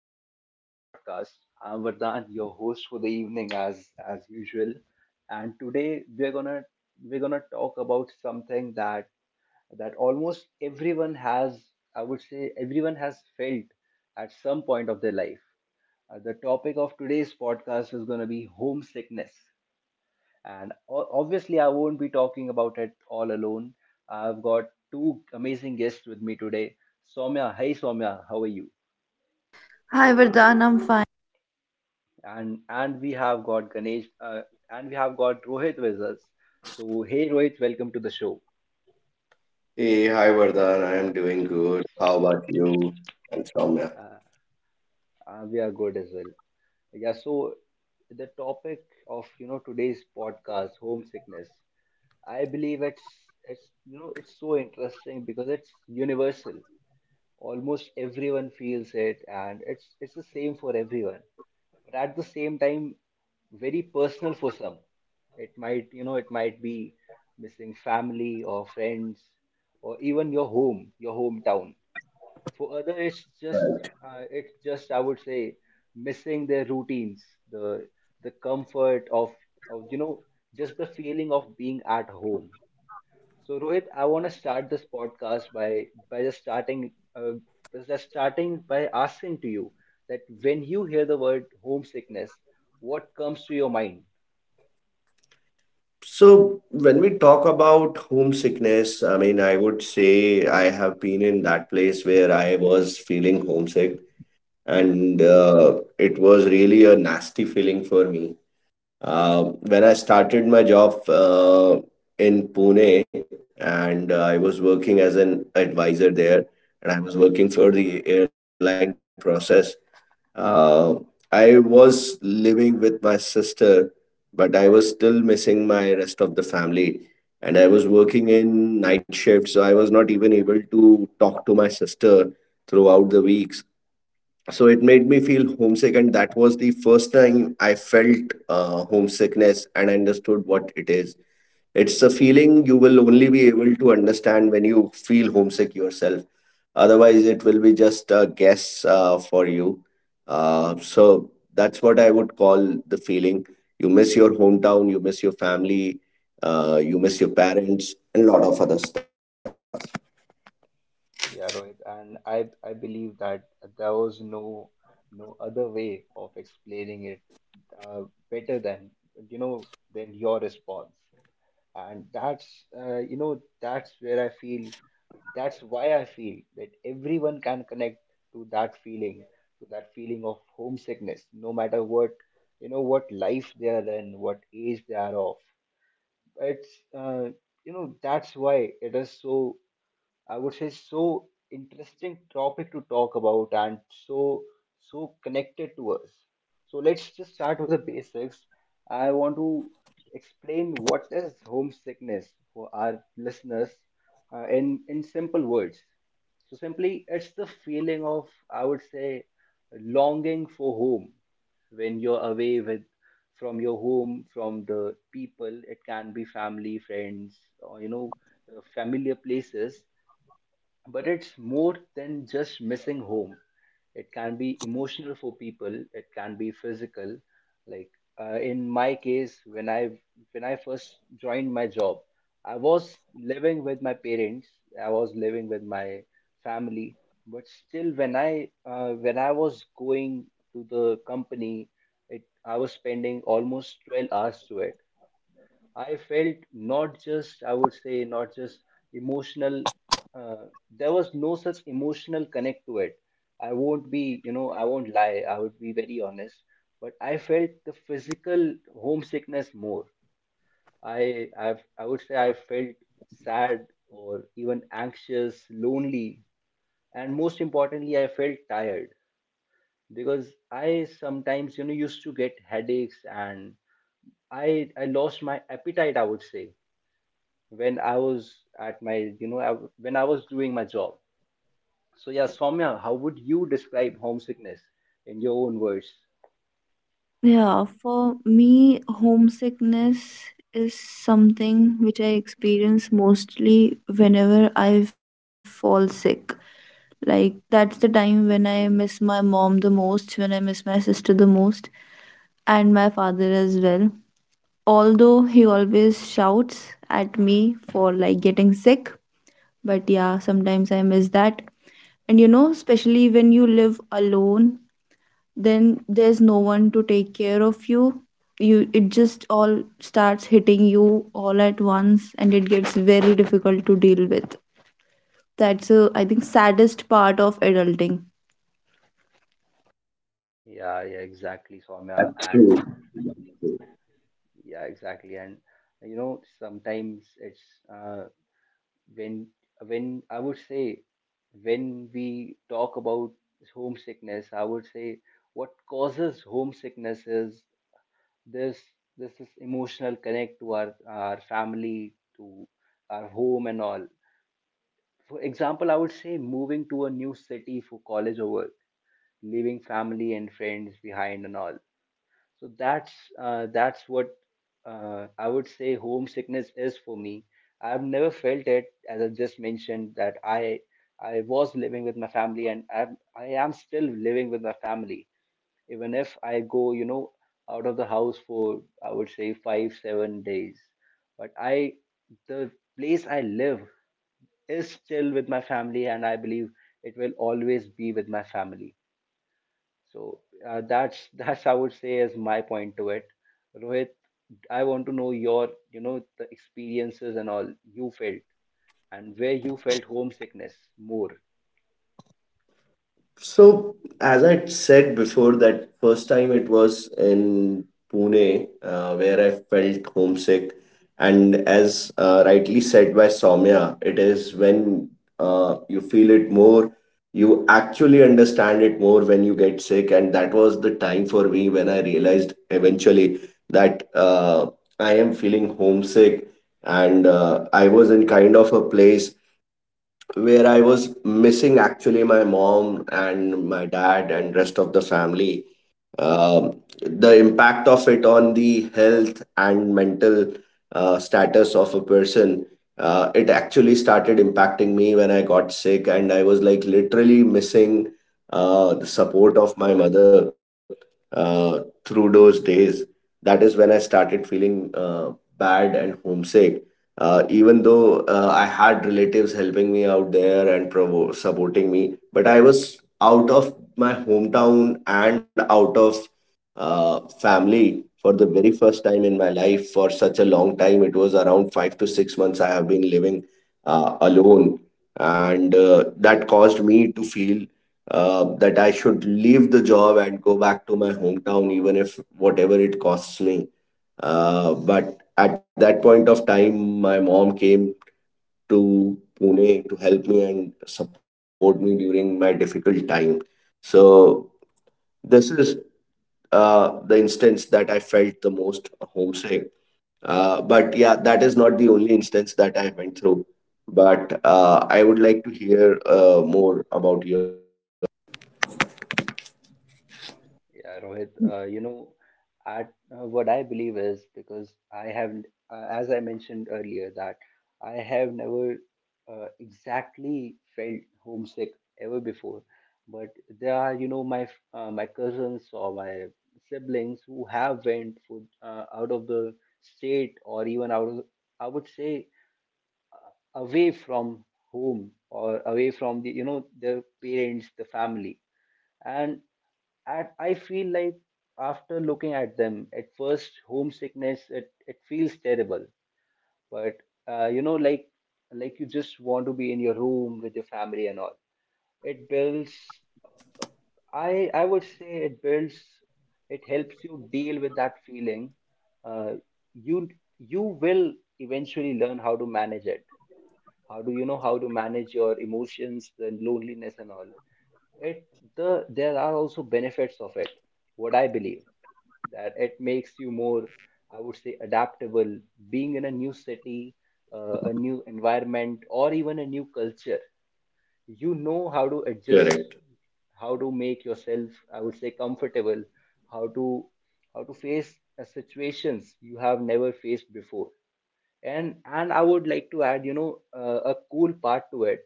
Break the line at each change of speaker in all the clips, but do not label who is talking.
welcome back to the podcast. I'm Vardhan, your host for the evening, as usual. And today we're gonna talk about something that almost everyone has, I would say, everyone has felt at some point of their life. The topic of today's podcast is gonna be homesickness, and obviously I won't be talking about it all alone. I've got two amazing guests with me today. Soumya, hey Soumya, how are you?
Hi, Vardhan. I'm fine.
And we have got Ganesh and we have got Rohit with us. So hey Rohit, welcome to the show.
Hey, hi Vardhan. I am doing good. How about you and Soumya?
Uh, we are good as well. Yeah. So the topic of today's podcast, homesickness. I believe it's it's so interesting because it's universal. Almost everyone feels it, and it's the same for everyone. But at the same time, very personal for some. It might, it might be missing family or friends or even your home, your hometown. For other, it's just, I would say, missing their routines, the the comfort of, just the feeling of being at home. So Rohit, I want to start this podcast by just starting by asking to you that when you hear the word homesickness, what comes to your mind?
So, when we talk about homesickness, I mean, I would say I have been in that place where I was feeling homesick, and it was really a nasty feeling for me. Uh, when I started my job in Pune, and I was working as an advisor there, and I was working for the airline process. Uh, I was living with my sister, but I was still missing my rest of the family. And I was working in night shift, so I was not even able to talk to my sister throughout the weeks. So it made me feel homesick, and that was the first time I felt homesickness and understood what it is. It's a feeling you will only be able to understand when you feel homesick yourself. Otherwise, it will be just a guess for you. So that's what I would call the feeling. You miss your hometown, you miss your family, you miss your parents, and a lot of other stuff.
Yeah, Rohit, and I believe that there was no other way of explaining it uh, better than you know than your response, and that's that's where I feel that's why I feel that everyone can connect to that feeling to that feeling of homesickness, no matter what what life they are in, what age they are of. It's that's why it is so I would say so interesting topic to talk about and so connected to us. So let's just start with the basics. I want to explain what is homesickness for our listeners in simple words. So simply, it's the feeling of I would say longing for home when you're away with from your home from the people. It can be family, friends, or familiar places but it's more than just missing home. It can be emotional for people. It can be physical. Like in my case, when I first joined my job, I was living with my parents. I was living with my family. But still, when I was going to the company, it I was spending almost 12 hours to it. I felt not just, I would say, not just emotional. Uh, there was no such emotional connect to it. I won't be, I won't lie. I would be very honest. But I felt the physical homesickness more. I would say, I felt sad or even anxious, lonely, and most importantly, I felt tired because I sometimes, used to get headaches and I lost my appetite. I would say when I was at my, when I was doing my job. So yeah, Soumya, how would you describe homesickness in your own words?
Yeah, for me, homesickness is something which I experience mostly whenever I fall sick. Like, that's the time when I miss my mom the most, when I miss my sister the most, and my father as well. Although he always shouts at me for like getting sick, but yeah, sometimes I miss that. And you know, especially when you live alone, then there's no one to take care of you, you it just all starts hitting you all at once, and it gets very difficult to deal with. That's a, I think, saddest part of adulting.
Yeah, exactly, Soumya, and
True.
yeah, exactly, and sometimes it's uh, when I would say when we talk about homesickness, I would say what causes homesickness is this this is emotional connect to our family, to our home and all. For example, I would say moving to a new city for college or work, leaving family and friends behind and all. So that's what I would say homesickness is for me. I've never felt it, as I just mentioned, that I was living with my family and I am still living with my family, even if I go, out of the house for I would say five, 7 days. But I, the place I live is still with my family, and I believe it will always be with my family. So that's I would say is my point to it. Rohit, I want to know your the experiences and all you felt and where you felt homesickness more.
So, as I said before, that first time it was in Pune, where I felt homesick. And as rightly said by Soumya, it is when you feel it more, you actually understand it more when you get sick. And that was the time for me when I realized eventually that I am feeling homesick. And I was in kind of a place where I was missing actually my mom and my dad and rest of the family. um, the impact of it on the health and mental status of a person, it actually started impacting me when I got sick and I was like literally missing the support of my mother uh, through those days. That is when I started feeling bad and homesick, even though I had relatives helping me out there and supporting me, but I was out of my hometown and out of family for the very first time in my life for such a long time. It was around 5 to 6 months I have been living alone, and that caused me to feel that I should leave the job and go back to my hometown, even if whatever it costs me. But at that point of time, my mom came to Pune to help me and support me during my difficult time. So this is the instance that I felt the most homesick. But yeah, that is not the only instance that I went through. But I would like to hear more about your
Yeah, Rohit, at, what I believe is because I have, as I mentioned earlier, that I have never exactly felt homesick ever before. But there are, my my cousins or my siblings who have went for, out of the state or even out of, I would say, away from home or away from the, their parents, the family. And and I feel like after looking at them, at first homesickness it feels terrible, but like you just want to be in your room with your family and all. It builds. I would say it builds. It helps you deal with that feeling. Uh, you you will eventually learn how to manage it. How do you know how to manage your emotions, the loneliness and all? It the There are also benefits of it. What I believe that it makes you more I would say adaptable being in a new city, a new environment or even a new culture. You
correct.
know how to adjust, how to make yourself I would say comfortable, how to face situations you have never faced before. And I would like to add a cool part to it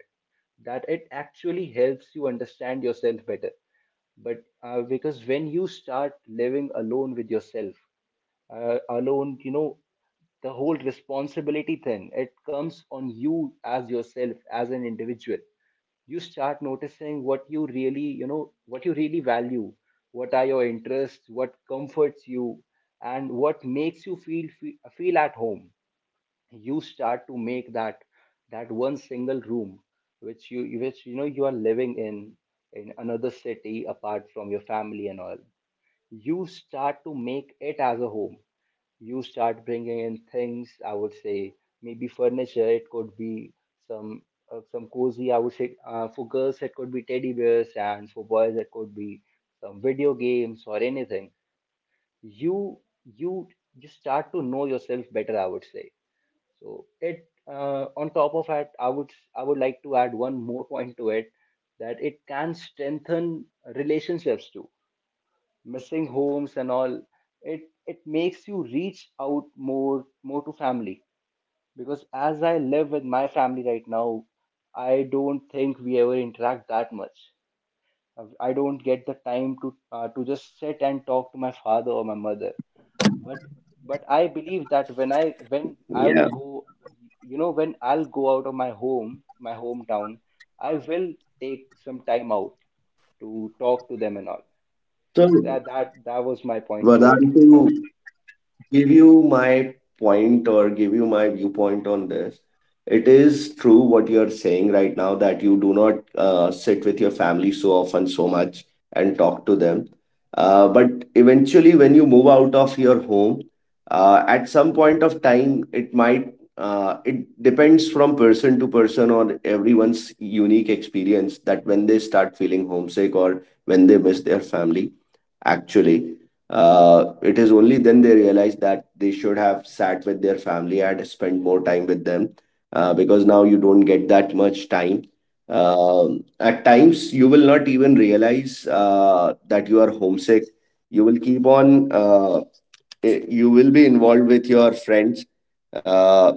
that it actually helps you understand yourself better. But because when you start living alone with yourself alone, the whole responsibility thing it comes on you as yourself as an individual. You start noticing what you really what you really value, what are your interests, what comforts you, and what makes you feel feel at home. You start to make that that one single room which you know you are living in another city apart from your family and all. You start to make it as a home. You start bringing in things, I would say maybe furniture. It could be some, some cozy, I would say, for girls it could be teddy bears and for boys it could be some video games or anything. you you just start to know yourself better, I would say. So it on top of that I would like to add one more point to it that it can strengthen relationships too. Missing homes and all, it it makes you reach out more to family. Because as I live with my family right now, I don't think we ever interact that much. I don't get the time to just sit and talk to my father or my mother. But I believe that
Yeah.
when I will go you know when I'll go out of my home, my hometown, I will take some time out to talk to them and all.
So,
Yeah, that was my point to it
Vadantu.
Rohit.
Give you my point or give you my viewpoint on this. It is true what you're saying right now that you do not sit with your family so often, so much, and talk to them. But eventually, when you move out of your home, at some point of time, it might, it depends from person to person on everyone's unique experience that when they start feeling homesick or when they miss their family actually. It is only then they realize that they should have sat with their family and spent more time with them because now you don't get that much time. Um, at times, you will not even realize that you are homesick. You will keep on, you will be involved with your friends. Uh,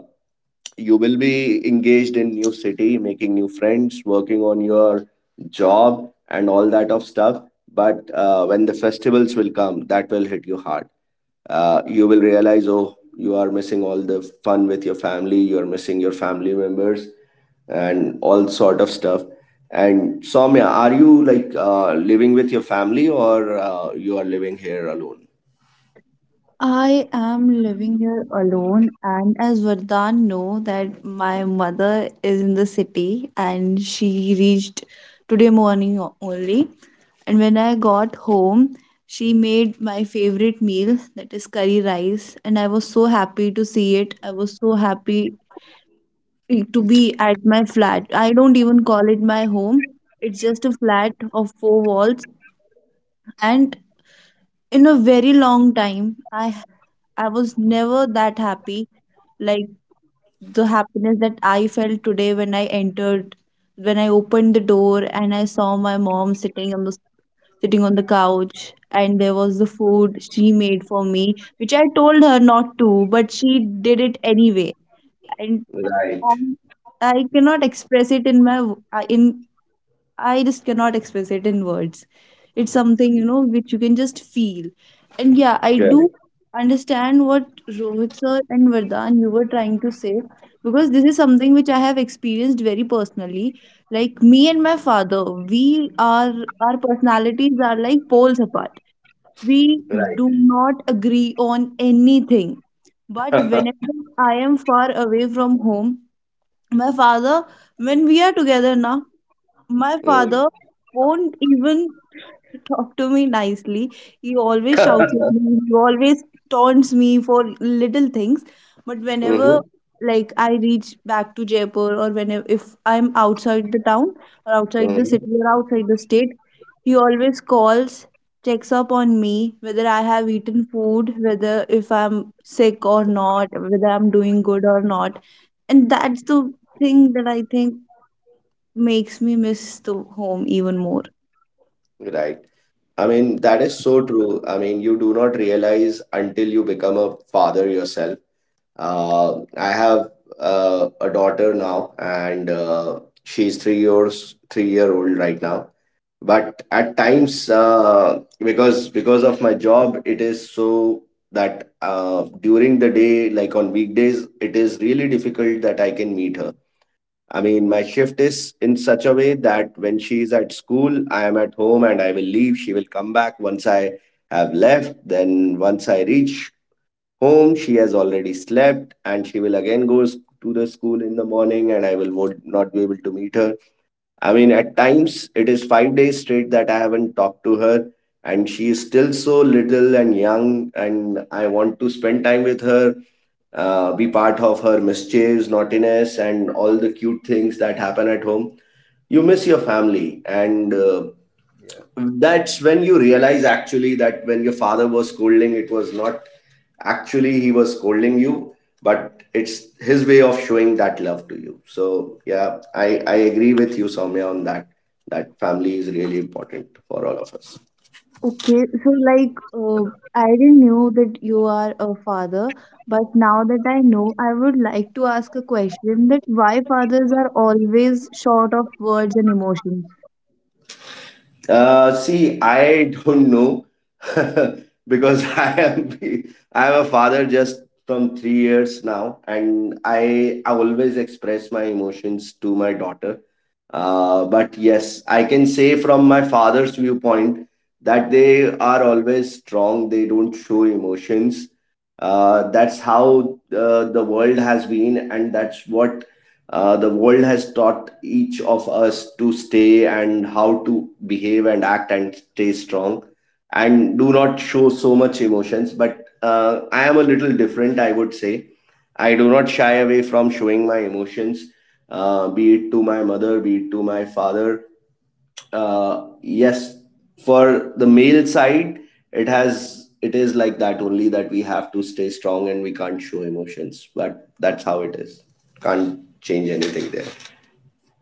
you will be engaged in new city making new friends working on your job and all that of stuff, but when the festivals will come that will hit you hard. You will realize oh you are missing all the fun with your family, you are missing your family members and all sort of stuff. And Soumya, are you like living with your family or you are living here alone?
I am living here alone, and as Vardhan know that my mother is in the city, and she reached today morning only. And when I got home, she made my favorite meal, that is curry rice, and I was so happy to see
Oh,
it. I was so happy to be at my flat. I don't even call it my home. It's just a flat of four walls, and in a very long time, I was never that happy. Like the happiness that I felt today when I entered, when I opened the door and I saw my mom sitting on the couch, and there was the food she made for me, which I told her not to, but she did it anyway. And,
right.
and I cannot express it in my w- in I just cannot express it in words. It's something, you know, which you can just feel. And yeah, I
Correct.
do understand what Rohit sir and Vardhan you were trying to say, because this is something which I have experienced very personally. Like me and my father, we are our personalities are like poles apart. We
Right.
do not agree on anything. But whenever I am far away from home, my father, when we are together now, my father won't even talk to me nicely. He always shouts at me. He always taunts me for little things. But
Mm.
whenever like I reach back to Jaipur, or whenever if I'm outside the town or outside the
Hmm.
city or outside the state, he always calls, checks up on me, whether I have eaten food, whether if I'm sick or not, whether I'm doing good or not. And that's the thing that I think makes me miss the home even more.
Right. I mean, that is so true. I mean, you do not realize until you become a father yourself. I have a daughter now, and she's three year old right now. But at times, because of my job, it is so that during the day, like on weekdays, it is really difficult that I can meet her. I mean, my shift is in such a way that when she is at school, I am at home and I will leave. She will come back once I have left. Then, once I reach home, she has already slept and she will again to the school in the morning and I will would not be able to meet her. I mean, at times it is 5 days straight that I haven't talked to her, and she is still so little and young, and I want to spend time with her, be part of her mischiefs, naughtiness, and all the cute things that happen at home. You miss your family, and
Yeah,
that's when you realize actually that when your father was scolding, it was not actually he was scolding you, but it's his way of showing that love to you. So yeah, I agree with you Soumya on that, that family is really important for all of us.
Okay, so like uh, I didn't know that you are a father, but now that I know, I would like to ask a question that why fathers are always short of words and emotions.
See, I don't know because I am a father just from 3 years now, and I always express my emotions to my daughter. But yes, I can say from my father's viewpoint that they are always strong. They don't show emotions. That's how the world has been, and that's what the world has taught each of us to stay and how to behave and act and stay strong and do not show so much emotions. But I am a little different, I would say. I do not shy away from showing my emotions, be it to my mother, be it to my father. Yes, for the male side it has it is like that only that we have to stay strong and we can't show emotions, but that's how it is. Can't change anything there.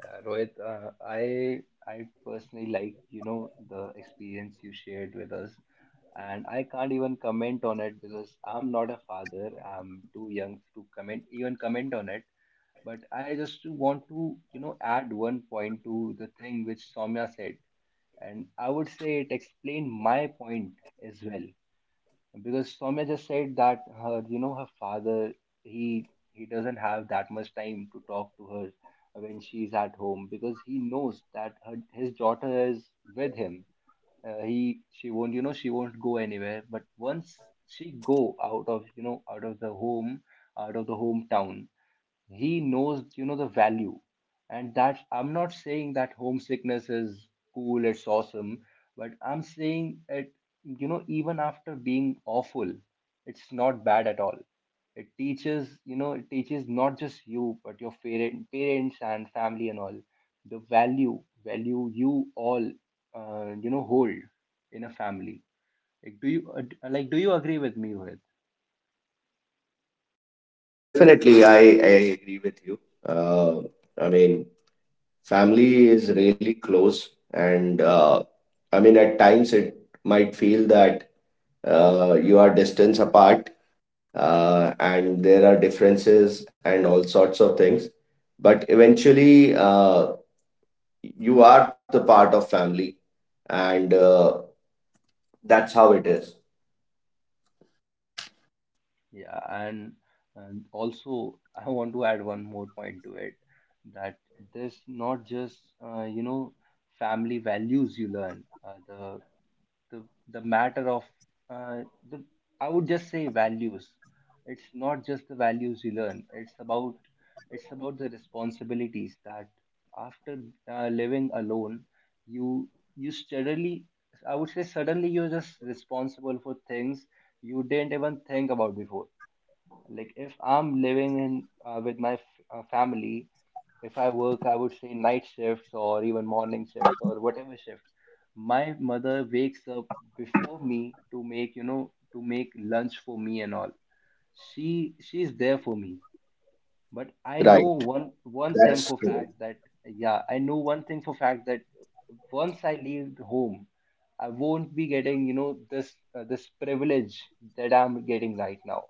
Rohit, I personally like, the experience you shared with us, and I can't even comment on it because I'm not a father. I'm too young to comment, even comment on it. But I just want to, add one point to the thing which Soumya said, and I would say it explained my point as well. Because Soumya just said that her father, he he doesn't have that much time to talk to her when she's at home because he knows that his daughter is with him. He She won't, she won't go anywhere. But once she go out of, out of the home, out of the hometown, he knows the value. And that I'm not saying that homesickness is cool, it's awesome, but I'm saying it, even after being awful, it's not bad at all. It teaches, it teaches not just you but your parents and family and all the value, value you all hold in a family. Like do you like do you agree with me Rohit?
Definitely I agree with you. uh, I mean family is really close and I mean at times it might feel that you are distance apart and there are differences and all sorts of things, but eventually you are the part of family, and that's how it is.
Yeah, and also I want to add one more point to it that this not just uh, you know family values you learn, the the matter of uh, the I would just say values. It's not just the values you learn. It's about the responsibilities that after living alone, you you suddenly I would say suddenly you're just responsible for things you didn't even think about before. Like if I'm living in with my family, if I work, I would say night shifts or even morning shifts or whatever shift. My mother wakes up before me to make, to make lunch for me and all. She's there for me but I
Right.
know one thing
That's
for
true.
fact that yeah, I know one thing for fact that once I leave home, I won't be getting this this privilege that I'm getting right now.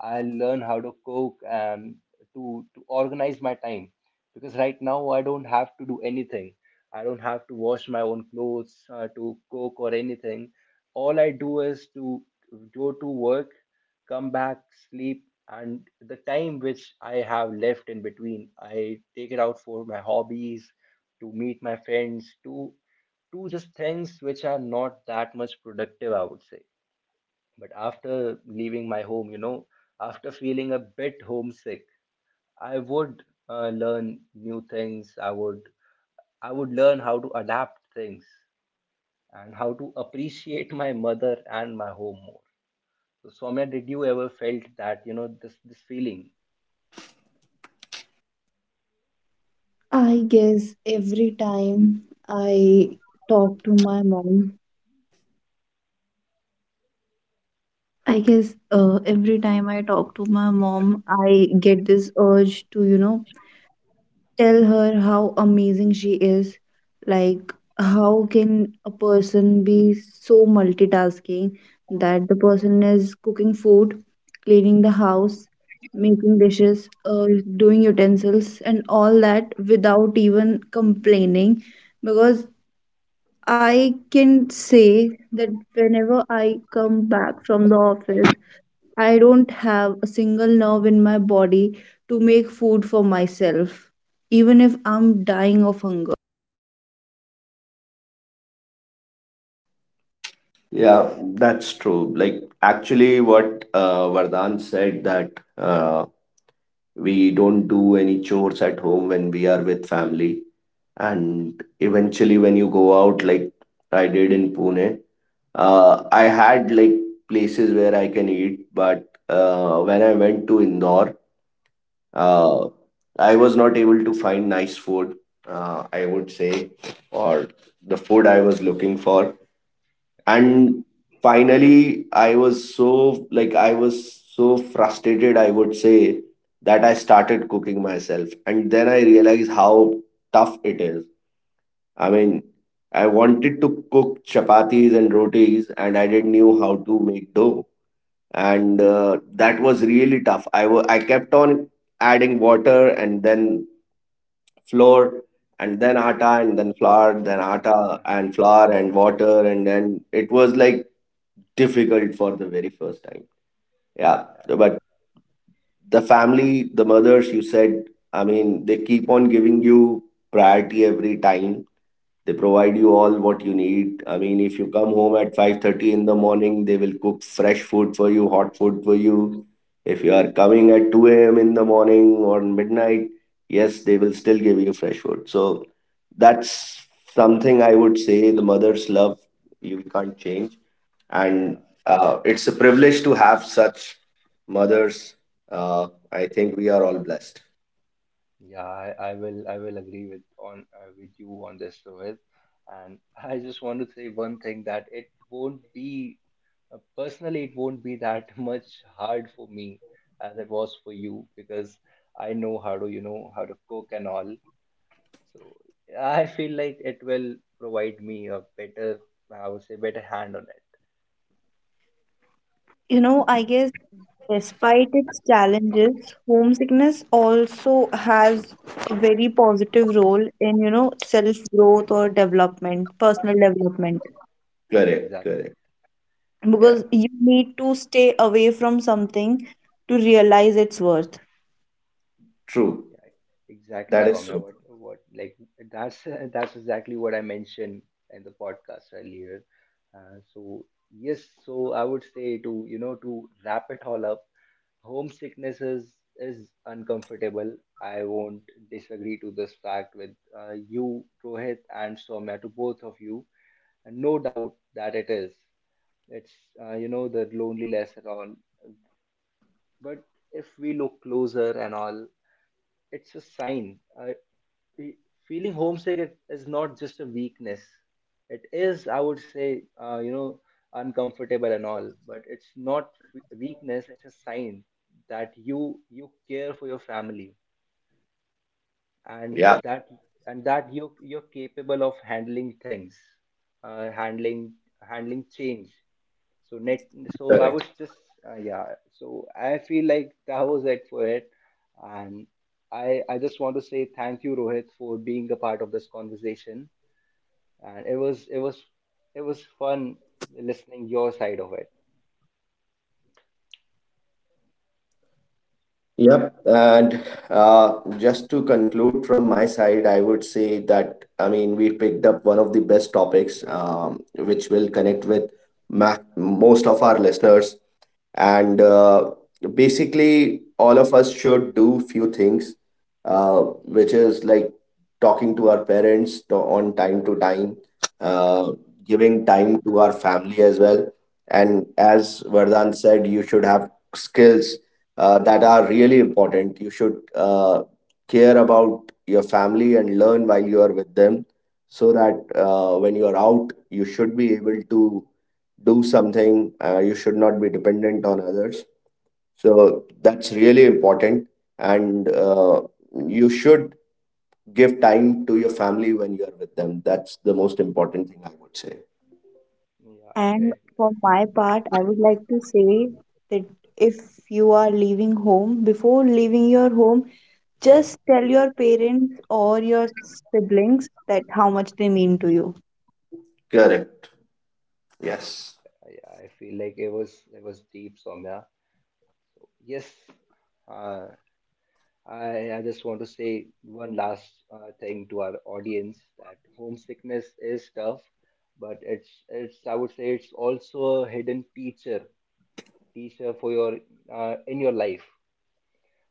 I'll learn how to cook and to organize my time because right now I don't have to do anything. I don't have to wash my own clothes, to cook or anything. All I do is to go to work, come back, sleep, and the time which I have left in between, I take it out for my hobbies, to meet my friends, to just things which are not that much productive, I would say. But after leaving my home, after feeling a bit homesick, I would learn new things. I would learn how to adapt things and how to appreciate my mother and my home more. So, Soumya, did you ever felt that, you know, this feeling?
I guess every time I talk to my mom, I guess every time I talk to my mom, I get this urge to, you know, tell her how amazing she is, like how can a person be so multitasking that the person is cooking food, cleaning the house, making dishes, doing utensils and all that without even complaining. Because I can say that whenever I come back from the office, I don't have a single nerve in my body to make food for myself, even if I'm dying of hunger.
Yeah, that's true, like actually what Vardhan said, that uh, we don't do any chores at home when we are with family, and eventually when you go out like I did in Pune, uh, I had like places where I can eat, but when I went to Indore, uh, I was not able to find nice food, I would say, or the food I was looking for. And finally, I was so frustrated, I would say, that I started cooking myself. And then I realized how tough it is. I mean, I wanted to cook chapatis and rotis, and I didn't knew how to make dough, and that was really tough. I kept on adding water and then flour and then atta and then flour then atta and flour and water and then it was like difficult for the very first time. Yeah,
I hope-
but the family, the mothers you said, I mean they keep on giving you priority every time. They provide you all what you need. I mean, if you come home at 5:30 in the morning, they will cook fresh food for you, hot food for you. If you are coming at 2 a.m. in the morning or midnight, yes, they will still give you fresh food. So that's something I would say the mother's love you can't change. And
Yeah.
it's a privilege to have such mothers. Uh, I think we are all blessed.
Yeah, I will I will agree with on with you on this, Rohit. And I just want to say one thing that it won't be personally it won't be that much hard for me as it was for you because I know how to how to cook and all. So I feel like it will provide me a better, I would say better hand on it.
You know, I guess despite its challenges, homesickness also has a very positive role in, you know, self-growth or development, personal development,
Exactly.
Correct, correct.
because you
Yeah,
need to stay away from something to realize its worth.
Yeah,
true.
exactly, Soumya. What,
That is
what,
so true.
like that's that's exactly what I mentioned in the podcast earlier. So yes, so I would say to to wrap it all up, homesickness is uncomfortable. I won't disagree to this fact with you, Rohit, and Soumya, to both of you. And no doubt that it is. It's you know the loneliness and all. But if we look closer and all, it's a sign. Fe- Feeling homesick, it is not just a weakness. It is, I would say, you know, uncomfortable and all, but it's not weakness. It's a sign that you care for your family, and that and that you
Yeah,
you're capable of handling things, handling handling change. So I was just yeah. So
correct.
I feel like that was it for it, and I just want to say thank you, Rohit, for being a part of this conversation, and it was it was fun listening your side of it.
Yep. And uh, just to conclude from my side, I would say that, I mean, we picked up one of the best topics, which will connect with most of our listeners. And basically, all of us should do few things uh, which is like talking to our parents to, on time to time, uh, giving time to our family as well. And as Vardhan said, you should have skills that are really important. You should care about your family and learn while you are with them so that when you are out, you should be able to do something. You should not be dependent on others. So that's really important. And you should give time to your family when you're with them. That's the most important thing I would say.
Yeah,
And
it
for my part, I would like to say that if you are leaving home, before leaving your home, just tell your parents or your siblings that how much they mean to you.
Correct. Yes.
yeah. I feel like it was deep, Somya. Yes, uh, I just want to say one last thing to our audience that homesickness is tough, but it's I would say it's also a hidden teacher for your in your life.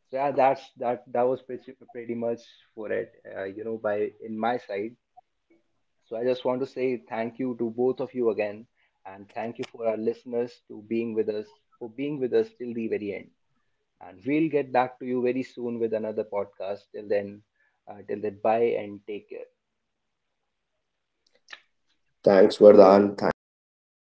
So yeah, that that was pretty much for it. You know, by in my side. So I just want to say thank you to both of you again, and thank you for our listeners to being with us for being with us till the very end. And we'll get back to you very soon with another podcast. Till then, bye and take care.
Thanks, Vardhan. Thanks,